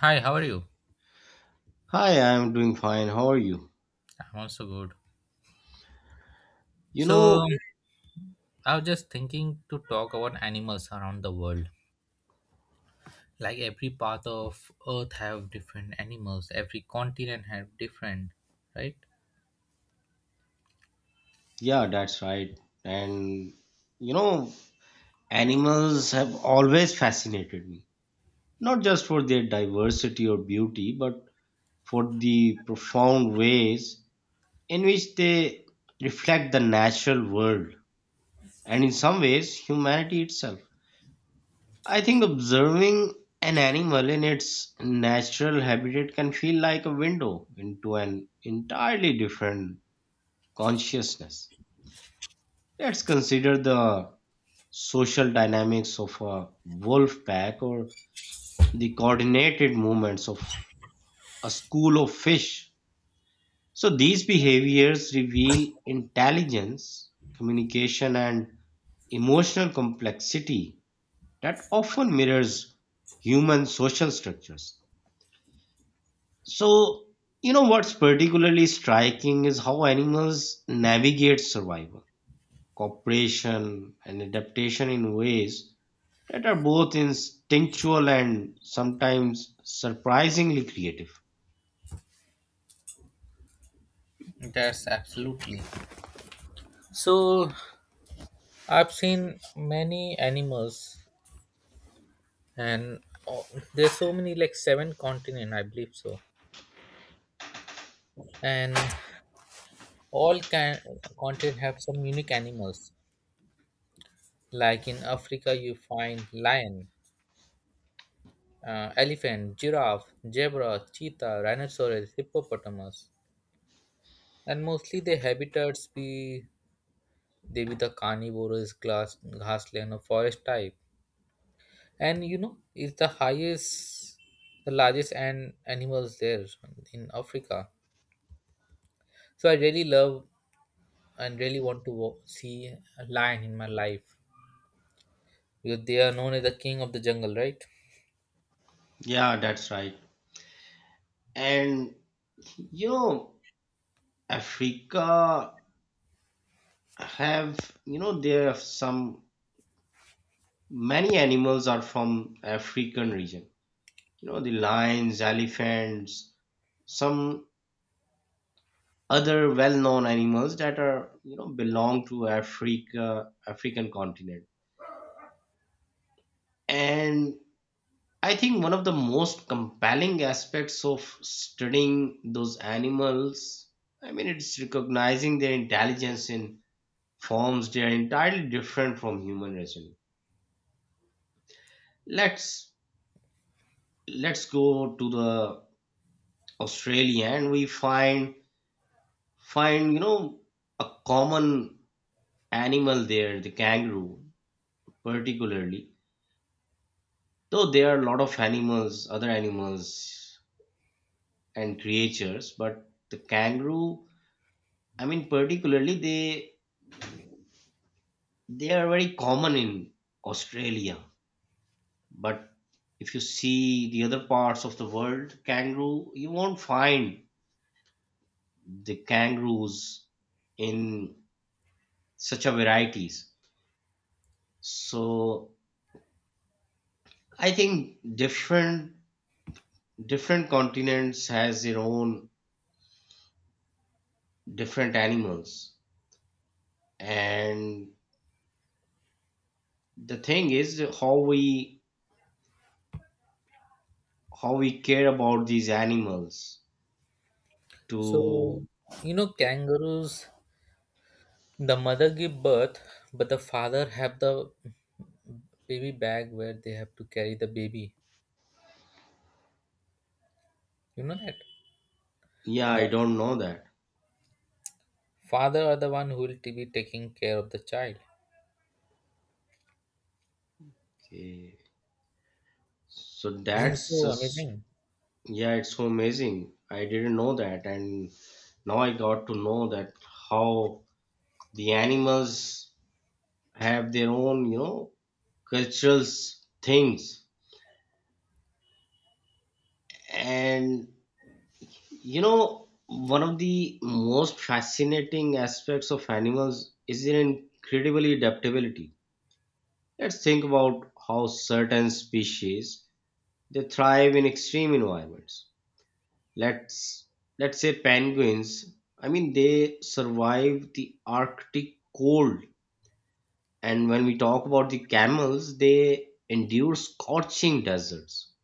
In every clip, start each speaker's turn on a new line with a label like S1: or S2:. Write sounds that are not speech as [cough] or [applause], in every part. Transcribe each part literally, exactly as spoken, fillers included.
S1: Hi, how are you?
S2: Hi, I'm doing fine. How are you?
S1: I'm also good.
S2: You
S1: So,
S2: know,
S1: I was just thinking to talk about animals around the world. Like every part of earth have different animals, every continent have different, right?
S2: yeah, that's right. And you know, animals have always fascinated me, not just for their diversity or beauty, but for the profound ways in which they reflect the natural world and in some ways humanity itself. I think observing an animal in its natural habitat can feel like a window into an entirely different consciousness. Let's consider the social dynamics of a wolf pack or the coordinated movements of a school of fish. So these behaviors reveal intelligence, communication, and emotional complexity that often mirrors human social structures. So, you know what's particularly striking is how animals navigate survival, cooperation, and adaptation in ways that are both instinctual and sometimes surprisingly creative.
S1: That's absolutely. So, I've seen many animals and oh, there's so many like seven continent, I believe so. And all can continent have some unique animals. Like in Africa you find lion, uh, elephant, giraffe, zebra, cheetah, rhinoceros, hippopotamus, and mostly their habitats be they be the carnivorous grass, grassland or forest type. And you know, it's the highest, the largest and animals there in Africa. So I really love and really want to wo- see a lion in my life because they are known as the king of the jungle, right?
S2: Yeah, that's right. And you know, Africa have you know there are some many animals are from African region. You know the lions, elephants, some other well-known animals that are you know belong to Africa, African continent. And I think one of the most compelling aspects of studying those animals, I mean, it's recognizing their intelligence in forms they are entirely different from human reasoning. Let's let's go to the Australia and we find find you know a common animal there, the kangaroo particularly. Though there are a lot of animals, other animals and creatures, but the kangaroo, I mean, particularly they They are very common in Australia, but if you see the other parts of the world, kangaroo, you won't find the kangaroos in such a varieties. So I think different different continents has their own different animals. And the thing is how we how we care about these animals to
S1: So you know,
S2: eh,
S1: kangaroos. The mother give birth, but the father have the baby bag where they have to carry the baby. You know that
S2: yeah, I
S1: the
S2: don't know that.
S1: father are the one who will to be taking care of the child.
S2: Okay. So
S1: Isn't
S2: that's
S1: so
S2: just-
S1: amazing?
S2: yeah, it's so amazing. I didn't know that, and now I got to know that how the animals have their own, you know, cultural s- things. And you know, one of the most fascinating aspects of animals is their incredibly adaptability. Let's think about how certain species they thrive in extreme environments. Let's let's say penguins. I mean they survive the arctic cold, and when we talk about the camels they endure scorching deserts,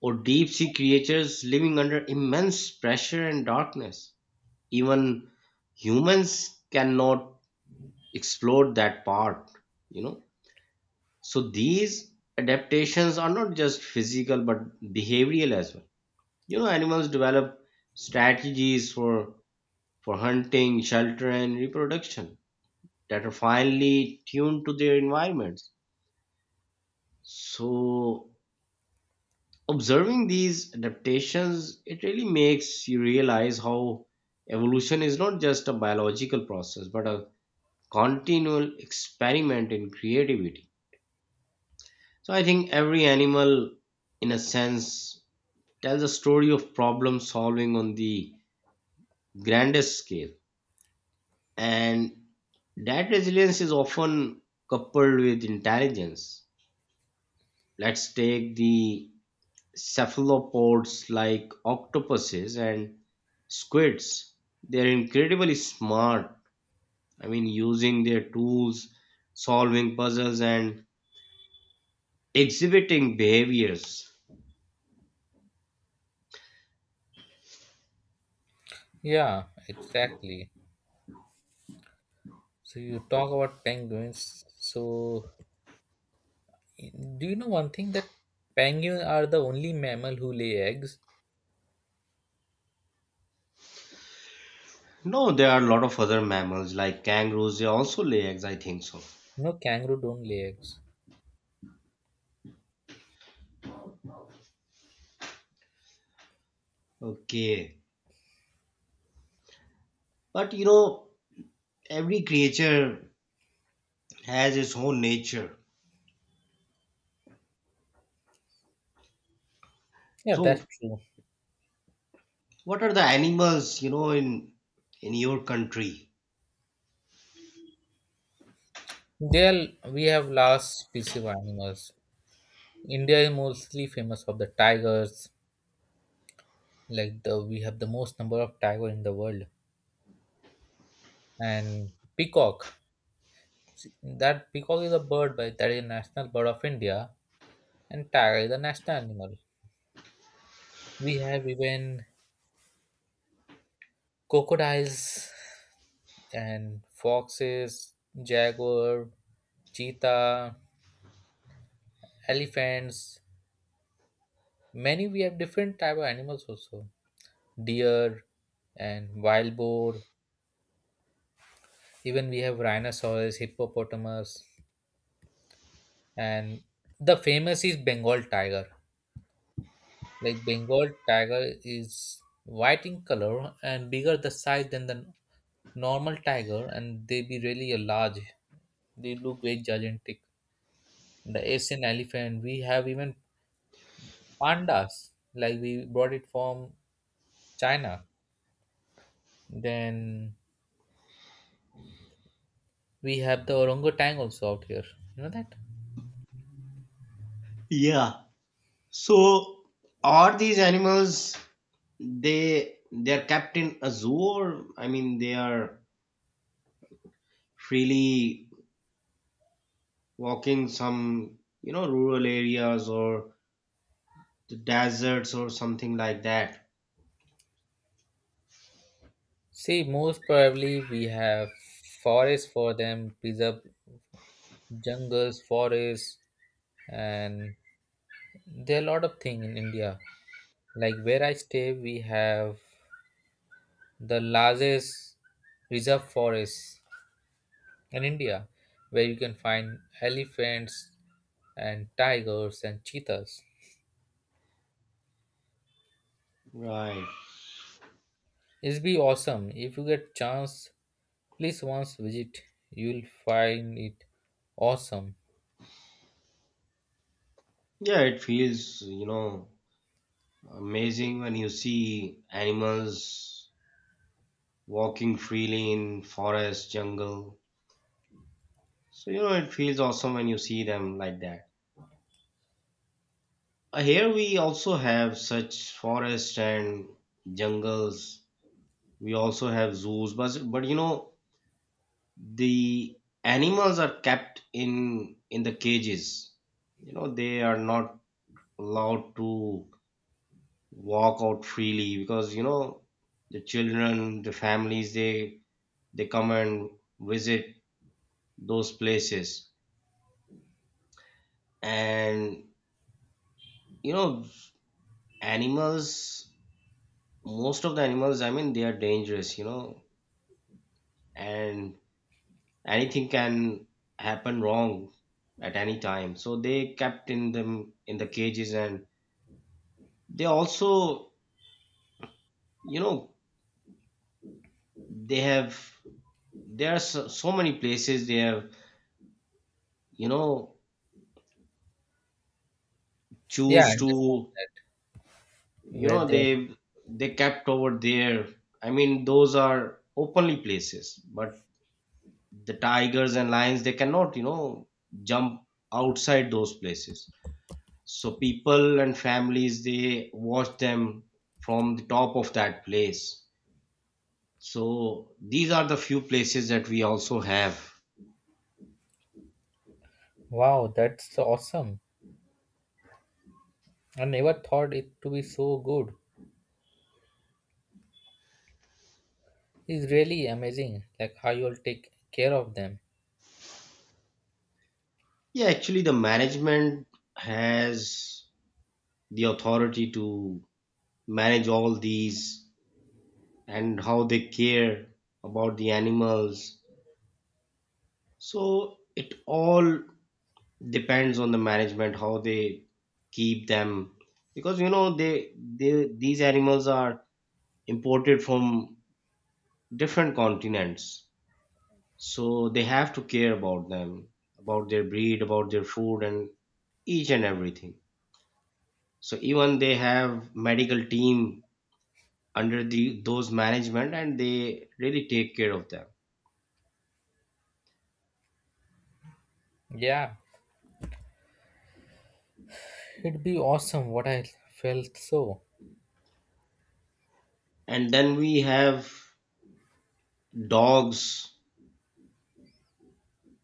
S2: or deep sea creatures living under immense pressure and darkness. Even humans cannot explore that part, you know so these adaptations are not just physical but behavioral as well. You know animals develop strategies for for hunting, shelter, and reproduction that are finely tuned to their environments. So, observing these adaptations, it really makes you realize how evolution is not just a biological process but a continual experiment in creativity. So, I think every animal, in a sense, tells a story of problem solving on the grandest scale. And that resilience is often coupled with intelligence. Let's take the cephalopods like octopuses and squids. They're incredibly smart. I mean, using their tools, solving puzzles, and exhibiting behaviors.
S1: Yeah, exactly. So you talk about penguins. So do you know one thing that penguins are the only mammal who lay eggs?
S2: No, there are a lot of other mammals like kangaroos. They also lay eggs, I think so.
S1: No, kangaroo don't lay eggs.
S2: Okay. But you know, every creature has its own nature.
S1: Yeah,
S2: So
S1: that's true.
S2: what are the animals, you know, in in your country?
S1: They are, we have last species of animals. India is mostly famous for the tigers. Like the we have the most number of tiger in the world, and peacock. That peacock is a bird, but that is a national bird of India, and tiger is a national animal. We have even crocodiles and foxes, jaguar, cheetah, elephants. Many we have different type of animals also. Deer and wild boar. Even we have rhinoceros, hippopotamus, and the famous is Bengal tiger. Like Bengal tiger is white in color and bigger the size than the normal tiger and they be really a large, they look very gigantic. The Asian elephant we have. Even pandas, like we brought it from China. Then we have the orangutan also out here, you know that.
S2: Yeah. So are these animals they they are kept in a zoo, or I mean they are freely walking some you know rural areas or the deserts or something like that.
S1: See, most probably we have forest for them preserve, jungles, forests, and there are a lot of things in India. Like where I stay, we have the largest reserve forest in India, where you can find elephants and tigers and cheetahs.
S2: Right.
S1: It's be awesome if you get chance. Please once visit, you'll find it awesome.
S2: Yeah, it feels, you know, amazing when you see animals walking freely in forest, jungle. So you know it feels awesome when you see them like that. Uh, Here we also have such forests and jungles. We also have zoos, but but you know the animals are kept in in the cages. You know they are not allowed to walk out freely because you know the children, the families, they they come and visit those places, and you know animals, most of the animals, I mean they are dangerous, you know and anything can happen wrong at any time, so they kept in them in the cages. And they also, you know they have, there are so, so many places they have, you know
S1: Yeah, I
S2: choose
S1: understand
S2: to
S1: that.
S2: you
S1: Where
S2: know
S1: they
S2: they they kept over there. I mean those are openly places, but the tigers and lions they cannot you know jump outside those places. So people and families they watch them from the top of that place. So these are the few places that we also have.
S1: wow, that's awesome. I never thought it to be so good. It's really amazing, like how you'll take care of them.
S2: Yeah, actually the management has the authority to manage all these and how they care about the animals. So it all depends on the management how they keep them, because you know they they these animals are imported from different continents, so they have to care about them, about their breed, about their food, and each and everything. So even they have medical team under the those management, and they really take care of them.
S1: Yeah, it'd be awesome. What I felt so.
S2: And then we have dogs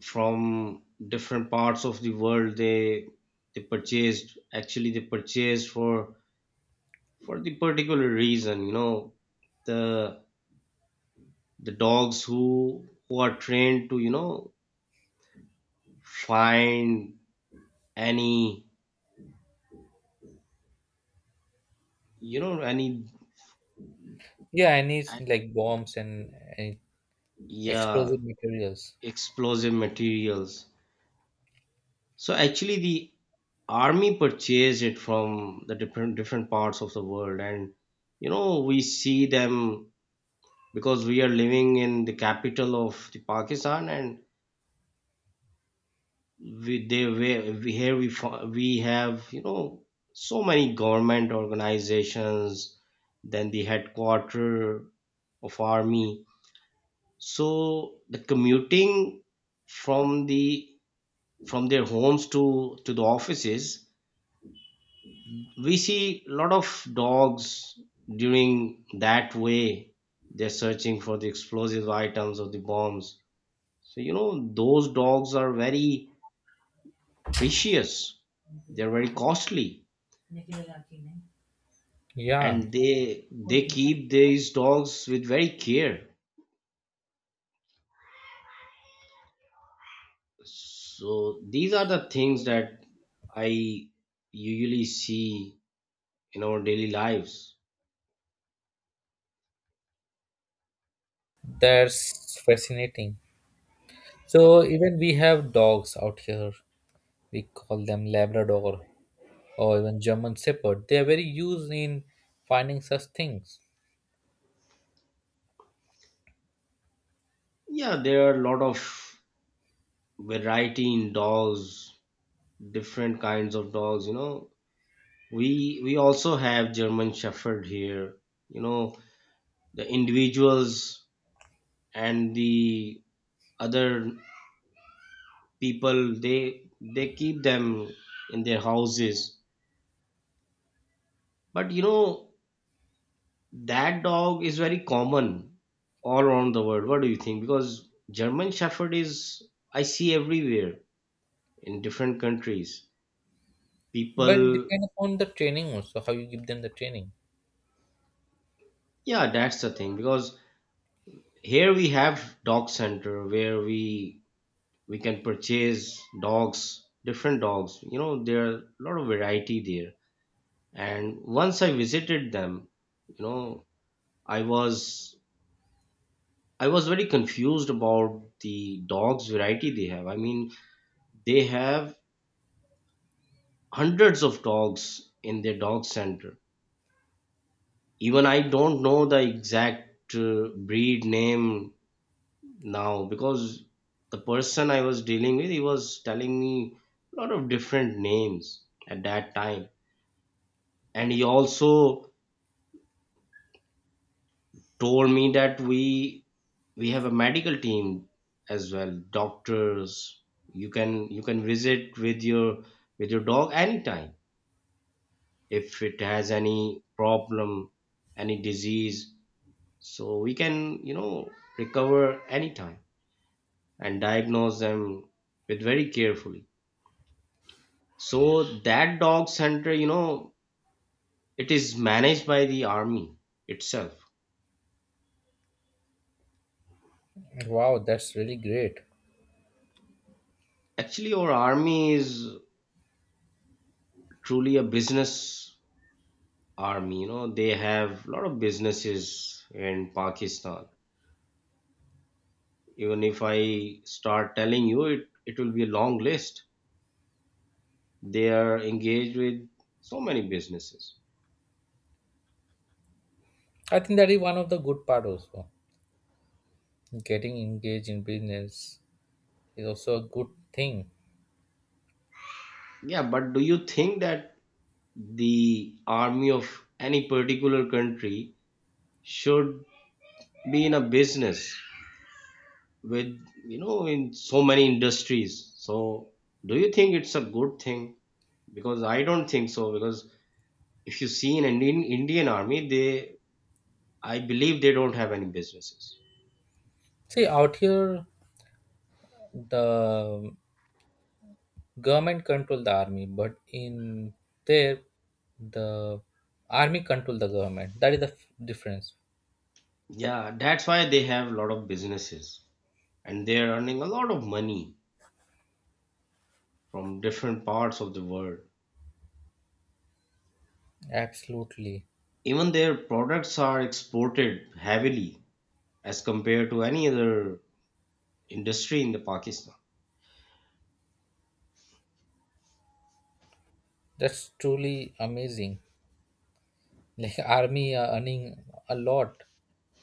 S2: from different parts of the world. They they purchased, actually they purchased for for the particular reason, you know the the dogs who who are trained to you know find any, you know any
S1: Yeah, I need
S2: uh,
S1: like bombs and, and
S2: yeah,
S1: explosive materials.
S2: explosive materials. So actually the army purchased it from the different different parts of the world, and you know we see them because we are living in the capital of the Pakistan, and we they were- we here we fo- we have you know so many government organizations, then the headquarter of army. So the commuting from the from their homes to to the offices, we see a lot of dogs during that way. They're searching for the explosive items or the bombs. So you know those dogs are very precious. They're very costly,
S1: Yeah,
S2: and they they keep these dogs with very care. So these are the things that I usually see in our daily lives.
S1: that's fascinating.
S2: So,
S1: So even we have dogs out here. We call them Labrador or even German Shepherd. They are very used in finding such things.
S2: yeah, there are a lot of variety in dogs, different kinds of dogs. You know, we we also have German Shepherd here. You know, the individuals and the other people they they keep them in their houses. But you know, that dog is very common all around the world. What do you think? Because German Shepherd is I see everywhere in different countries.
S1: But it
S2: People,
S1: depends upon the training also, how you give them the training.
S2: yeah, that's the thing. Because here we have dog center where we we can purchase dogs, different dogs. You know, there are a lot of variety there, and once I visited them, you know i was I was very confused about the dogs variety they have. I mean they have hundreds of dogs in their dog center. Even I don't know the exact uh, breed name now, because the person I was dealing with, he was telling me a lot of different names at that time. And he also told me that we we have a medical team as well, doctors. You can you can visit with your with your dog anytime if it has any problem, any disease. So we can, you know recover anytime and diagnose them with very carefully. So that dog center, you know, it is managed by the army itself.
S1: Wow, that's really great.
S2: Actually, our army is truly a business army. You know, they have a lot of businesses in Pakistan. Even if I start telling you, it, it will be a long list. They are engaged with so many businesses.
S1: I think that is one of the good part also. Getting engaged in business is also a good thing.
S2: Yeah, but do you think that the army of any particular country should be in a business with, you know in so many industries? So do you think it's a good thing? Because I don't think so, because if you see in an in Indian army, they I believe they don't have any businesses.
S1: See, out here, the government control the army, but in there, the army control the government. That is the f- difference.
S2: Yeah, that's why they have a lot of businesses, and they're earning a lot of money from different parts of the world,
S1: Absolutely,
S2: even their products are exported heavily as compared to any other industry in the Pakistan.
S1: that's truly amazing. Like [laughs] army are earning a lot.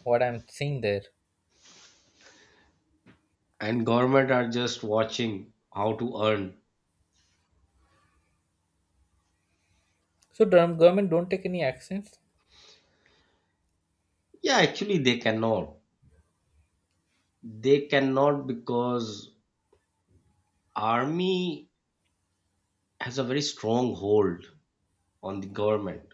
S1: What I'm seeing there.
S2: And government are just watching how to earn.
S1: So the government don't take any actions.
S2: Yeah, actually they cannot. They cannot because army has a very strong hold on the government.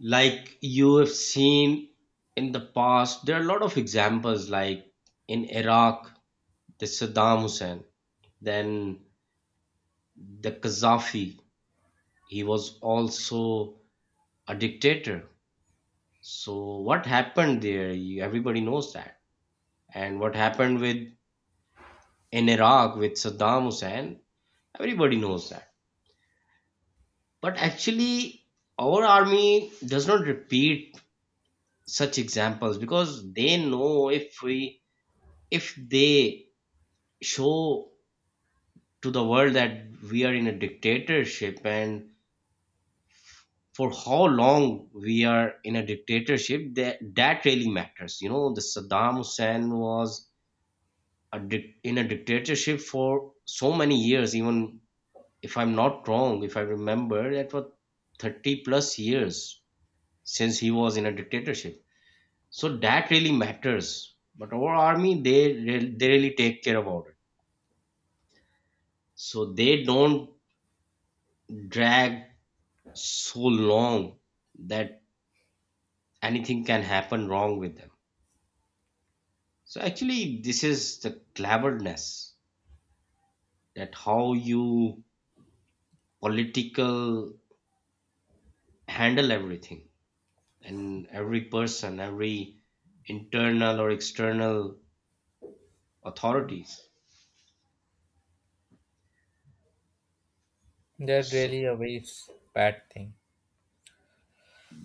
S2: Like you have seen in the past, there are a lot of examples like in Iraq, the Saddam Hussein, then the Gaddafi, he was also a dictator. So what happened there? You, everybody knows that. And what happened with in Iraq with Saddam Hussein, everybody knows that. But actually, our army does not repeat such examples, because they know if we if they show to the world that we are in a dictatorship, and for how long we are in a dictatorship, that that really matters. You know, the Saddam Hussein was a dic- in a dictatorship for so many years. Even if I'm not wrong, if I remember, that was thirty plus years since he was in a dictatorship. So that really matters. But our army, they re- they really take care about it, so they don't drag so long that anything can happen wrong with them. So actually this is the cleverness, that how you political handle everything, and every person, every internal or external authorities.
S1: They're
S2: So
S1: really a very s- bad thing.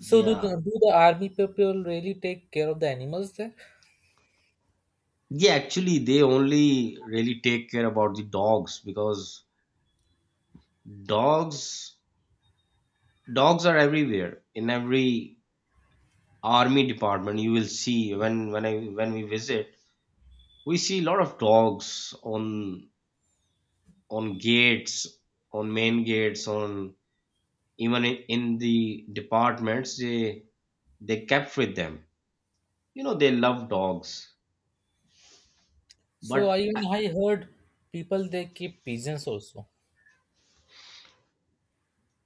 S1: So do the, do the army people really take care of the animals there?
S2: yeah, actually, they only really take care about the dogs, because dogs, dogs are everywhere. In every army department, you will see when when I when we visit, we see a lot of dogs on on gates, on main gates, on even in, in the departments. They they kept with them. You know, they love dogs.
S1: So I
S2: But uh,
S1: even I heard people they keep pigeons also.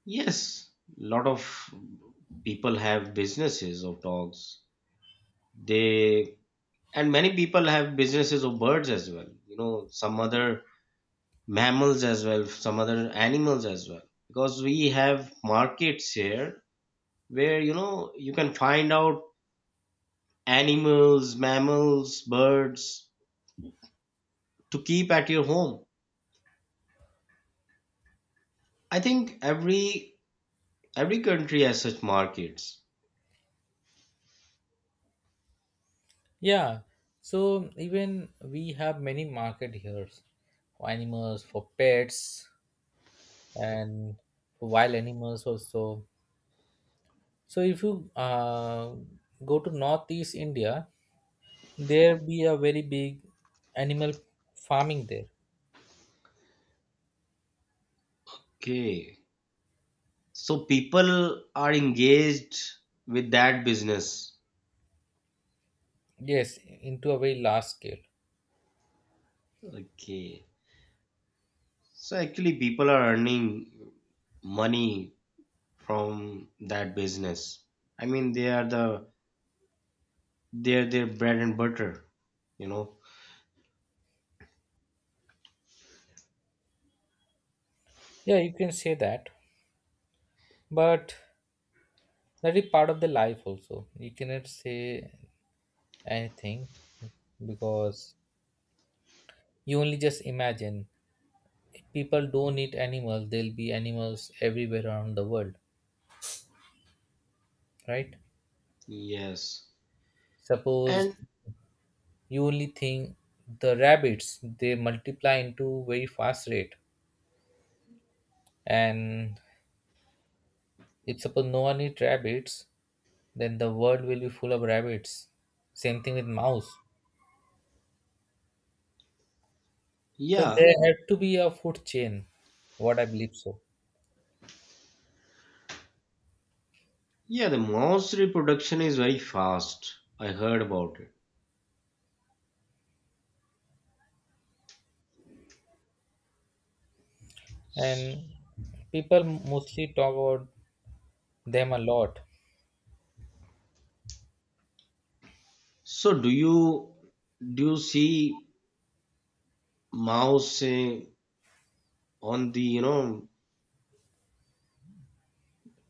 S2: yes, lot of people have businesses of dogs. They and many people have businesses of birds as well, you know, some other mammals as well, some other animals as well, because we have markets here where, you know, you can find out animals, mammals, birds to keep at your home. I think every every country has such markets.
S1: Yeah. So even we have many market here for animals, for pets, and for wild animals also. So if you uh, go to northeast India, there be a very big animal farming there.
S2: Okay, so people are engaged with that business.
S1: Yes, into a very large scale.
S2: Okay, so actually people are earning money from that business. I mean, they are the they're their bread and butter, you know.
S1: Yeah, you can say that, but that is part of the life also. You cannot say anything because you only just imagine if people don't eat animals there'll be animals everywhere around the world, right?
S2: Yes,
S1: Suppose
S2: and
S1: you only think the rabbits they multiply into very fast rate, and if suppose no one eat rabbits then the world will be full of rabbits. Same thing with mouse. So
S2: yeah,
S1: there had to be a food chain, what I believe so.
S2: yeah, the mouse reproduction is very fast. I heard about it. S-
S1: And people mostly talk about them a lot.
S2: So do you do you see mouse eh, on the, you know,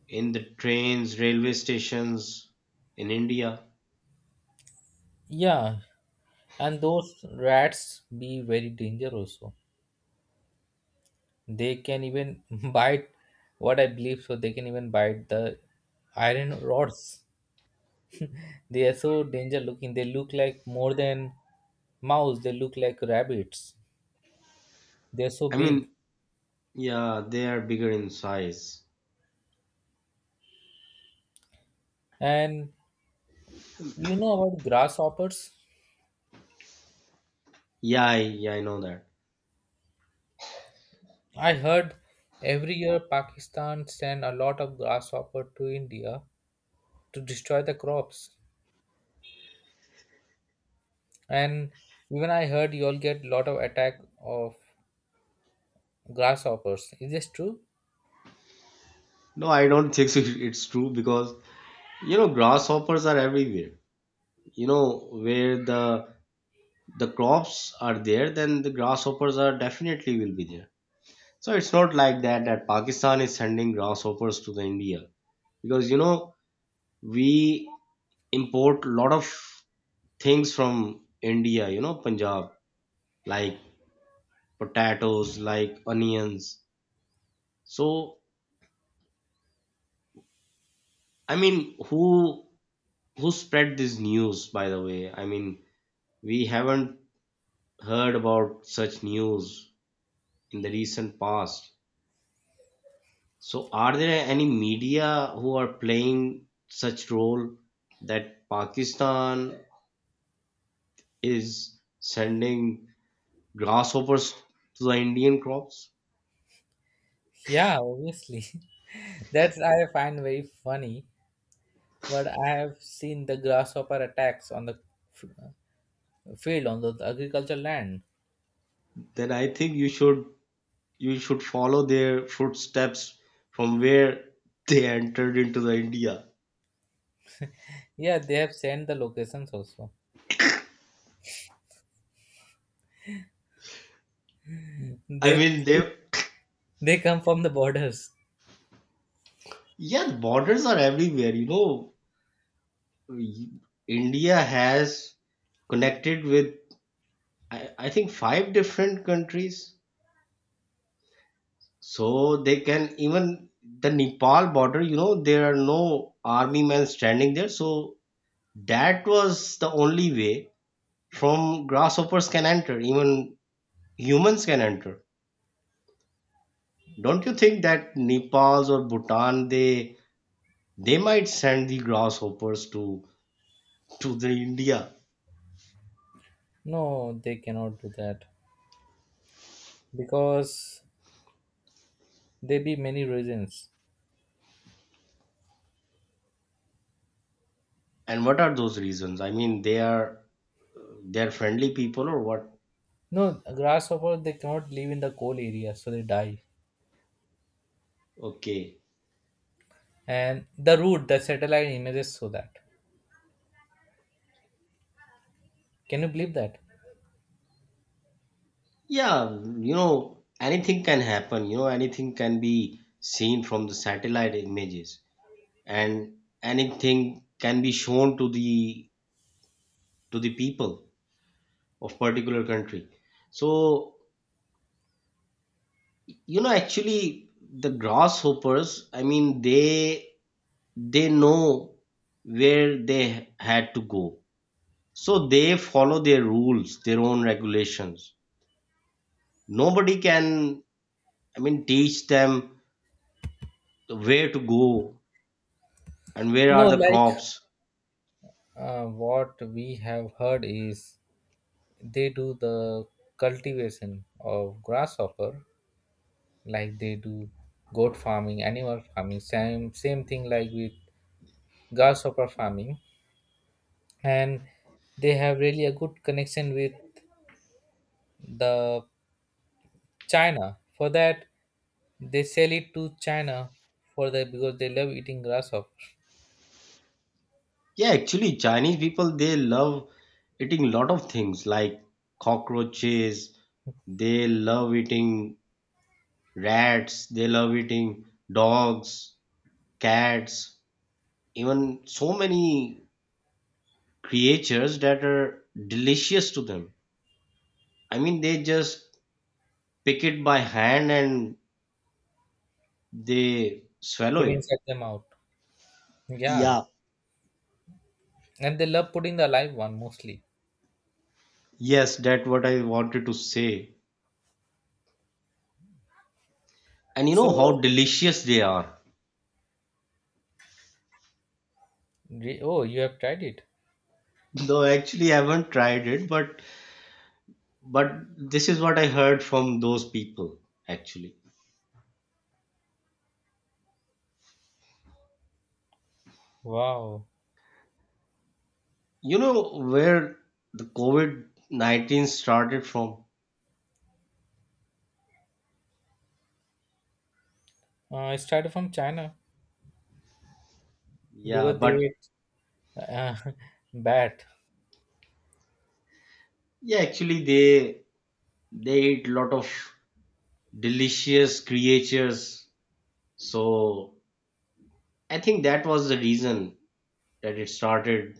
S2: in the trains, railway stations in India?
S1: Yeah, and those rats be very danger also, they can even [laughs] bite, what I believe so. They can even bite the iron rods. They are so danger looking, they look like more than mouse, they look like rabbits, they're so
S2: I
S1: big.
S2: mean, yeah, they are bigger in size.
S1: And you know about grasshoppers,
S2: Yeah, I, yeah, I know that.
S1: I heard every year Pakistan send a lot of grasshopper to India to destroy the crops. And even I heard you all get lot of attack of grasshoppers. Is this true?
S2: No, I don't [laughs] think so it's true because, you know, grasshoppers are everywhere, you know, where the the crops are there, then the grasshoppers are definitely will be there. So it's not like that that Pakistan is sending grasshoppers to the India. Because, you know, we import a lot of things from India, you know, Punjab, like potatoes, like onions. So I mean, who who spread this news, by the way? I mean, we haven't heard about such news in the recent past. So, are there any media who are playing such role that Pakistan is sending grasshoppers to the Indian crops?
S1: Yeah, obviously. [laughs] That's I find very funny. But I have seen the grasshopper attacks on the f- field, on the agricultural land.
S2: Then I think you should you should follow their footsteps from where they entered into the India.
S1: Yeah, they have sent the locations also.
S2: I
S1: They
S2: mean, they
S1: they come from the borders.
S2: yeah, the borders are everywhere. You know, India has connected with I, I think five different countries. So they can even the Nepal border, you know, there are no army men standing there. So that was the only way from grasshoppers can enter, even humans can enter. Don't you think that Nepal's or Bhutan, they they might send the grasshoppers to to the India?
S1: No, they cannot do that because there be many reasons.
S2: And what are those reasons? I mean, they are they are friendly people or what?
S1: No, grasshopper they cannot live in the coal area, so they die.
S2: Okay.
S1: And the root, the satellite images show that. Can you believe that?
S2: Yeah, you know, anything can happen. You know, anything can be seen from the satellite images, and anything can be shown to the to the people of particular country. So, you know, actually, the grasshoppers, I mean, they they know where they had to go. So they follow their rules, their own regulations. Nobody can, I mean, teach them where to go and where
S1: No,
S2: are the
S1: like
S2: crops?
S1: Uh, what we have heard is they do the cultivation of grasshopper, like they do goat farming, animal farming, same same thing like with grasshopper farming, and they have really a good connection with the China. For that, they sell it to China for that because they love eating grasshopper,
S2: Yeah, actually, Chinese people they love eating a lot of things like cockroaches. They love eating rats. They love eating dogs, cats, even so many creatures that are delicious to them. I mean, they just pick it by hand and they swallow
S1: putting
S2: it.
S1: inside them out. Yeah,
S2: Yeah,
S1: and they love putting the alive one mostly.
S2: yes, that's what I wanted to say. And you know
S1: So,
S2: how delicious they are.
S1: re- oh, you have tried it.
S2: Though actually I haven't tried it, but but this is what I heard from those people actually.
S1: Wow.
S2: You know where the COVID nineteen started from?
S1: Uh, it started from China
S2: Yeah,
S1: because they
S2: but
S1: ate uh, [laughs] bat.
S2: yeah, actually they they eat lot of delicious creatures. So I think that was the reason that it started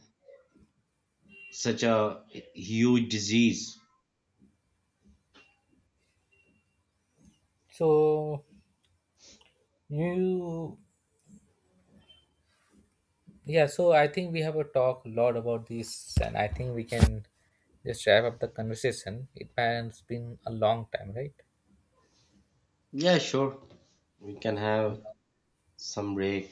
S2: such a huge disease.
S1: So you, yeah. So I think we have a talk a lot about this, and I think we can just wrap up the conversation. It has been a long time, right?
S2: Yeah, sure. We can have some break.